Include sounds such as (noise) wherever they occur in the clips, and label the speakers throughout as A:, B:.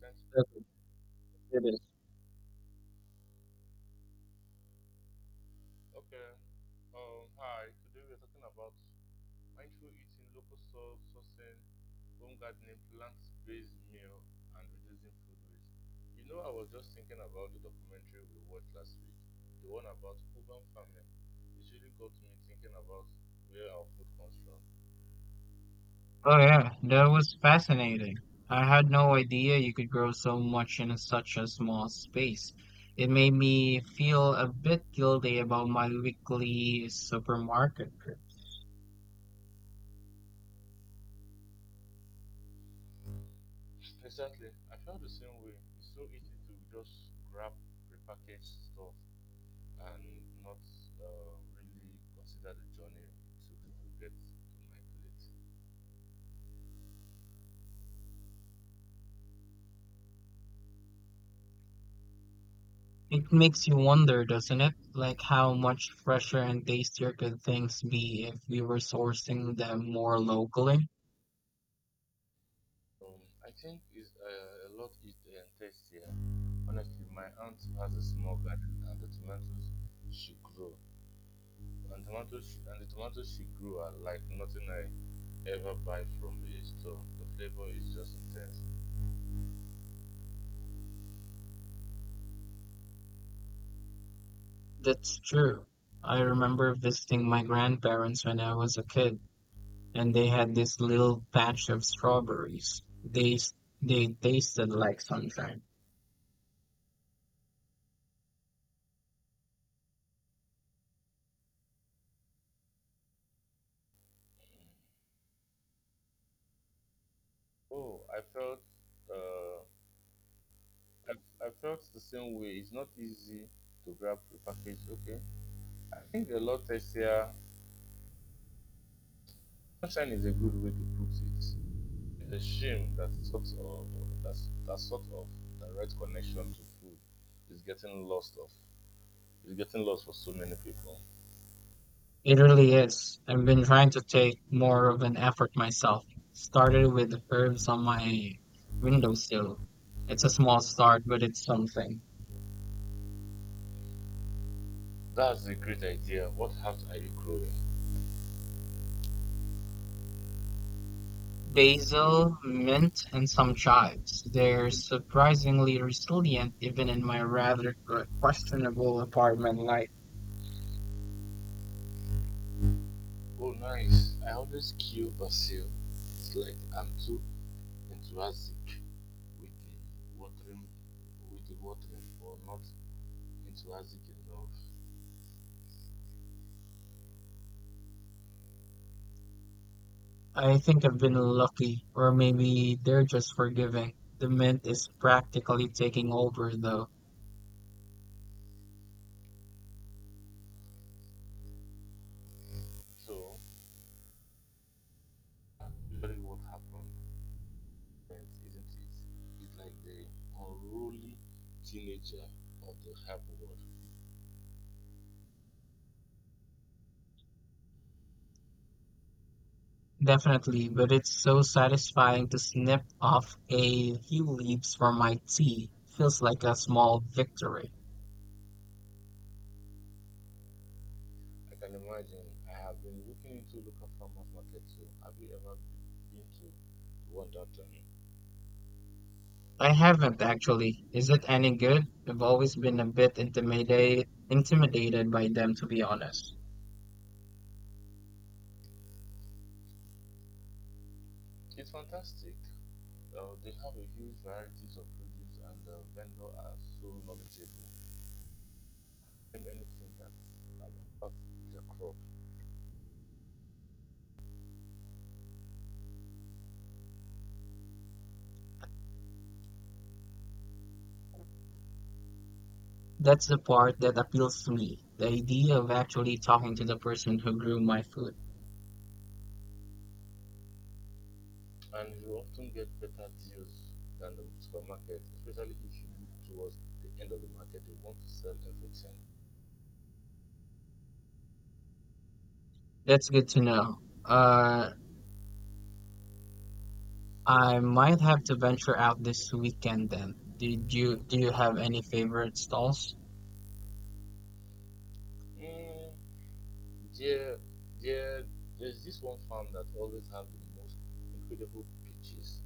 A: Thanks.
B: Absolutely, it is.
A: Okay. Hi. Today we are talking about mindful eating, local source sourcing, home gardening, plant-based meal, and reducing food waste. You know, I was just thinking about the documentary we watched last week, the one about urban farming. It really got me thinking about where our food comes from.
B: Oh yeah, that was fascinating. I had no idea you could grow so much in such a small space. It made me feel a bit guilty about my weekly supermarket trip.
A: Exactly. I felt the same way. It's so easy to just grab repackaged stuff and not really consider the journey to get to my plate.
B: It makes you wonder, doesn't it? Like how much fresher and tastier could things be if we were sourcing them more locally?
A: I think it's a lot it entails here. Honestly, my aunt has a small garden, and the tomatoes she grew, and tomatoes she, and the tomatoes she grew are like nothing I ever buy from a store. The flavor is just intense.
B: That's true. I remember visiting my grandparents when I was a kid and they had this little patch of strawberries. They tasted like sunshine.
A: Oh, I felt uh, I felt the same way. It's not easy to grab the package. Okay, I think a lot tastier. Sunshine is a good way to put it. It's a shame that sort of that, that sort of direct connection to food is getting lost of is getting lost for so many people.
B: It really is. I've been trying to take more of an effort myself. Started with herbs on my windowsill. It's a small start, but it's something.
A: That's a great idea. What heart are you growing?
B: Basil, mint, and some chives. They're surprisingly resilient even in my rather questionable apartment life.
A: Oh nice. I always kill basil. It's like I'm too enthusiastic with the watering with the watering or not enthusiastic enough.
B: I think I've been lucky, or maybe they're just forgiving. The mint is practically taking over, though.
A: So I'm very what happened. Parents, isn't it? It's like the unruly teenager of the hype world.
B: Definitely, but it's so satisfying to snip off a few leaves for my tea. Feels like a small victory.
A: I can imagine. I have been looking into local farmers market too. Have you ever been to the one downtown?
B: I haven't actually. Is it any good? I've always been a bit intimidated by them, to be honest.
A: It's fantastic. They have a huge varieties of produce and the vendors are so knowledgeable. Name anything that impacts the crop.
B: That's the part that appeals to me. The idea of actually talking to the person who grew my food.
A: And you often get better deals than the supermarket, especially if you look towards the end of the market. They want to sell everything.
B: That's good to know. Uh I might have to venture out this weekend then. Did you Do you have any favorite stalls?
A: Mm, there, there, there's this one farm that always have the most incredible peaches.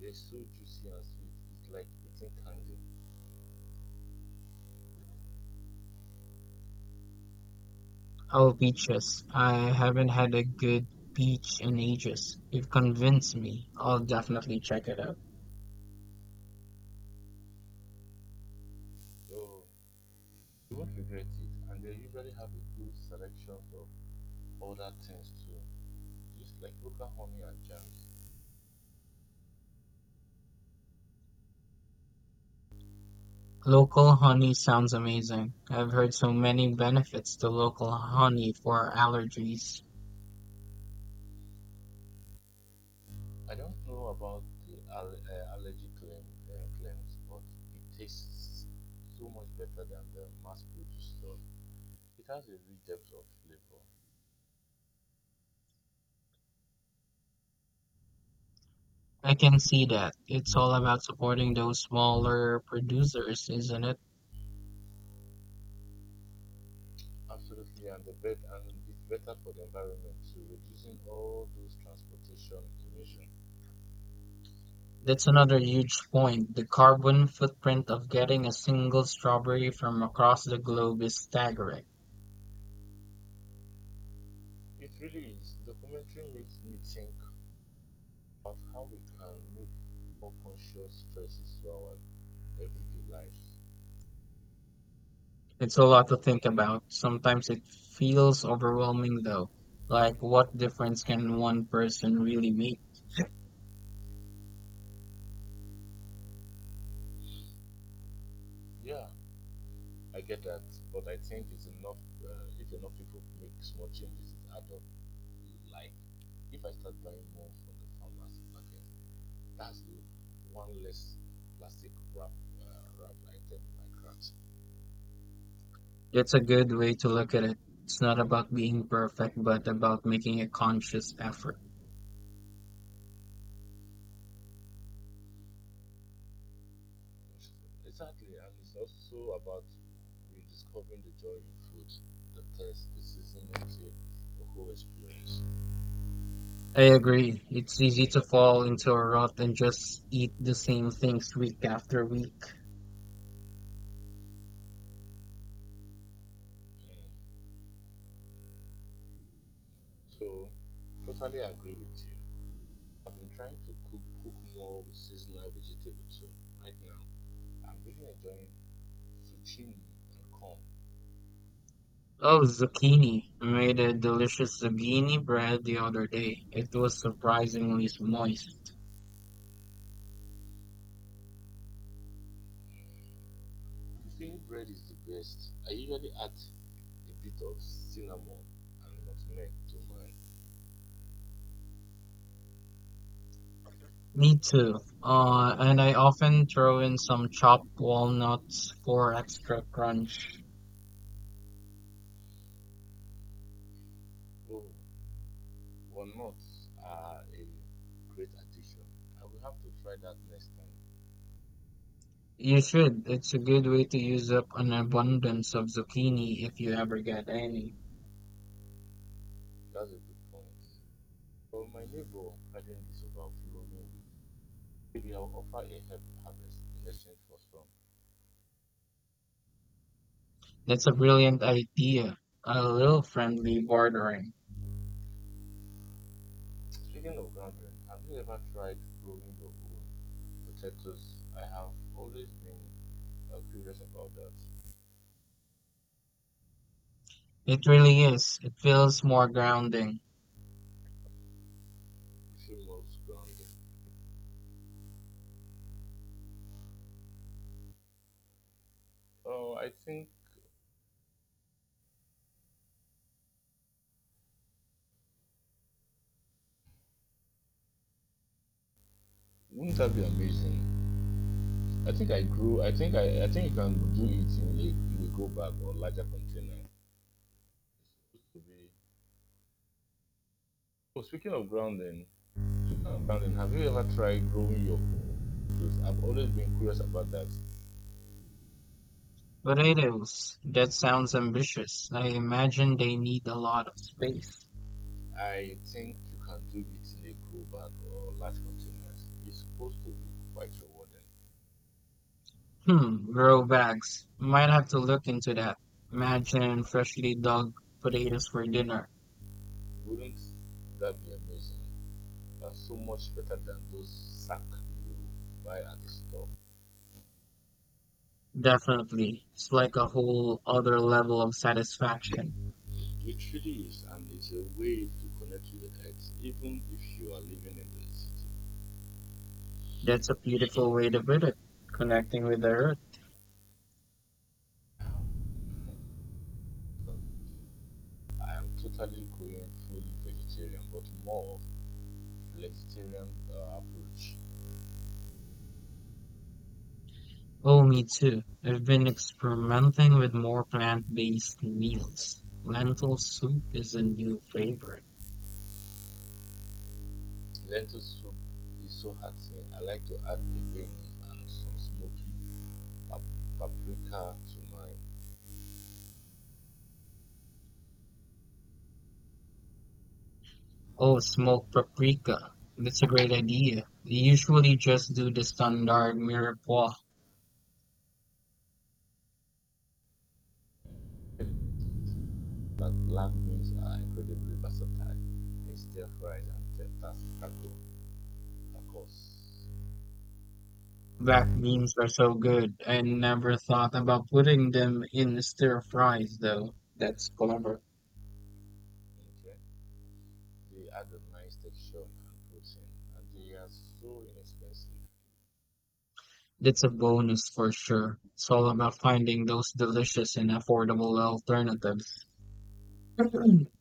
A: They're so juicy and sweet. It's like eating candy.
B: Oh, beaches. I haven't had a good beach in ages. You've convinced me. I'll definitely check it out.
A: Oh, you won't regret it. And they usually have a good selection of other things too, just like local honey and jams.
B: Local honey sounds amazing. I've heard so many benefits to local honey for allergies.
A: I don't know about the allergy claims, but it tastes so much better than the mass-produced stuff. It has a rich depth of flavor.
B: I can see that. It's all about supporting those smaller producers, isn't it?
A: Absolutely, and it's better for the environment too, reducing all those transportation emissions.
B: That's another huge point. The carbon footprint of getting a single strawberry from across the globe is staggering.
A: It really is. Documentary makes me think about how we can make more conscious choices to our everyday lives.
B: It's a lot to think about. Sometimes it feels overwhelming though. Like what difference can one person really make?
A: Yeah, I get that, but I think it's enough if enough people make small changes in adult like. If I start buying more from the farmers market, that's the one less plastic wrap uh, wrap item in my cart.
B: That's a good way to look at it. It's not about being perfect, but about making a conscious effort.
A: Exactly, and it's also about rediscovering the joy in food, the taste, the season into the whole experience.
B: I agree. It's easy to fall into a rut and just eat the same things week after week.
A: Mm. So, totally agree with you. I've been trying to cook more with seasonal vegetables too. Right now, I'm really enjoying zucchini and corn.
B: Oh, zucchini. I made a delicious zucchini bread the other day. It was surprisingly moist.
A: Zucchini bread is the best. I usually add a bit of cinnamon and nutmeg to mine.
B: Me too. And I often throw in some chopped walnuts for extra crunch.
A: Oh, but nuts are a great addition. I will have to try that next time.
B: You should. It's a good way to use up an abundance of zucchini if you ever get any.
A: That's a good point. For my neighbor garden is overflowing. Maybe I'll offer a help harvest in exchange for some.
B: That's a brilliant idea. A little friendly bordering.
A: Speaking of garden, have you ever tried growing your own potatoes? I have always been curious about that.
B: It really is. It feels more grounding.
A: Famous grounding. Oh, I think wouldn't that be amazing? I think I grew. I think I. I think you can do it in a go bag or larger container. To be. Oh, speaking of grounding, have you ever tried growing your own? Because I've always been curious about that.
B: Potatoes. That sounds ambitious. I imagine they need a lot of space.
A: I think you can do it in a grow bag or large containers. It's supposed to be quite rewarding.
B: Hmm, grow bags. Might have to look into that. Imagine freshly dug potatoes for dinner.
A: Wouldn't that be amazing? That's so much better than those sack you buy at the store.
B: Definitely. It's like a whole other level of satisfaction.
A: It really is, and it's a way to connect with the earth, even if you are living in the city.
B: That's a beautiful way to put it. Connecting with the earth.
A: I am totally going full vegetarian, but more of flexitarian approach.
B: Oh, me too. I've been experimenting with more plant-based meals. Lentil soup is a new favorite.
A: Lentil soup is so hearty. I like to add the greens and some smoky paprika to my.
B: Oh, smoked paprika. That's a great idea. We usually just do the standard mirepoix.
A: But black beans are incredibly versatile in stir fries and taco tacos.
B: Black beans are so good. I never thought about putting them in stir fries, though. That's clever.
A: Okay. They add a nice texture and protein, and they are so inexpensive.
B: That's a bonus for sure. It's all about finding those delicious and affordable alternatives. (clears throat) I'm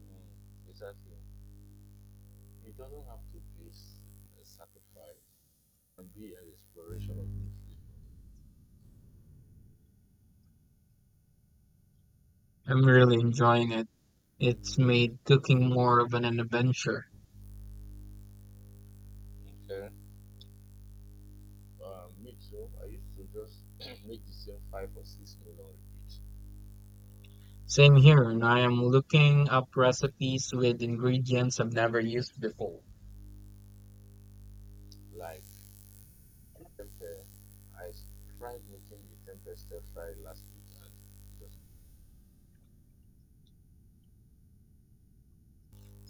A: Mm, exactly. He doesn't have to face a sacrifice and be an exploration of Muslim.
B: really enjoying it. It's made cooking more of an adventure.
A: Okay, me too. I used to just (clears throat) (coughs) make the same five or six meal on repeat.
B: Same here, and I am looking up recipes with ingredients I've never used before.
A: Like temper, I tried making the temper stir fry last week and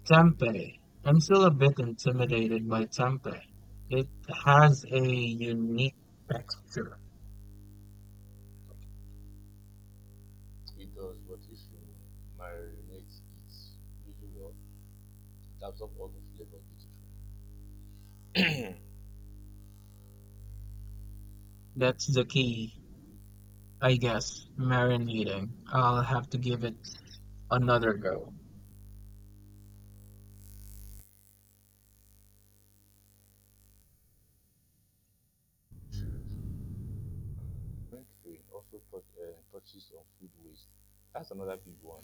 B: Tempeh. I'm still a bit intimidated by tempeh. It has a unique texture.
A: it does but if you marinate it really well, it absorbs all the flavor beautifully.
B: That's the key, I guess. Marinating. I'll have to give it another go.
A: Drink free also touches on food waste. That's another big one.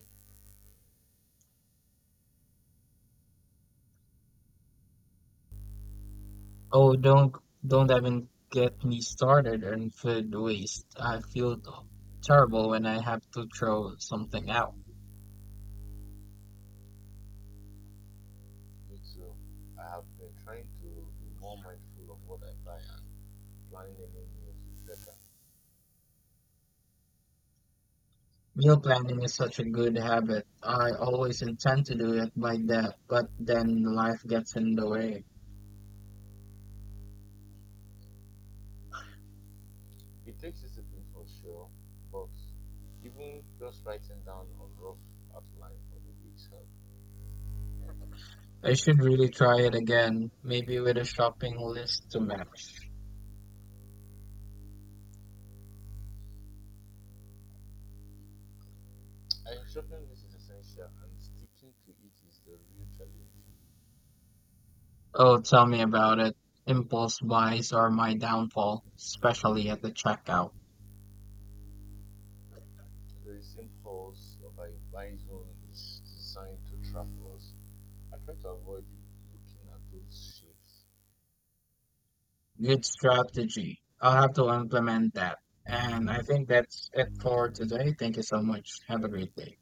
B: Oh, don't even get me started on food waste. Terrible when I have to throw something out.
A: Me too. I have been trying to be more mindful of what I buy and planning any meals better.
B: Meal planning is such a good habit. I always intend to do it by that, but then life gets in the way.
A: It takes discipline for sure, but even just writing down a rough outline for the week's help.
B: I should really try it again, maybe with a shopping list to match.
A: I am shopping this is essential and sticking to it is the real challenge.
B: Oh, tell me about it. Impulse buys are my downfall, especially at the checkout.
A: The impulse of a buy zone is designed to trap us. I try to avoid looking at those shapes.
B: Good strategy. I'll have to implement that. And I think that's it for today. Thank you so much. Have a
A: Thank you.
B: great day.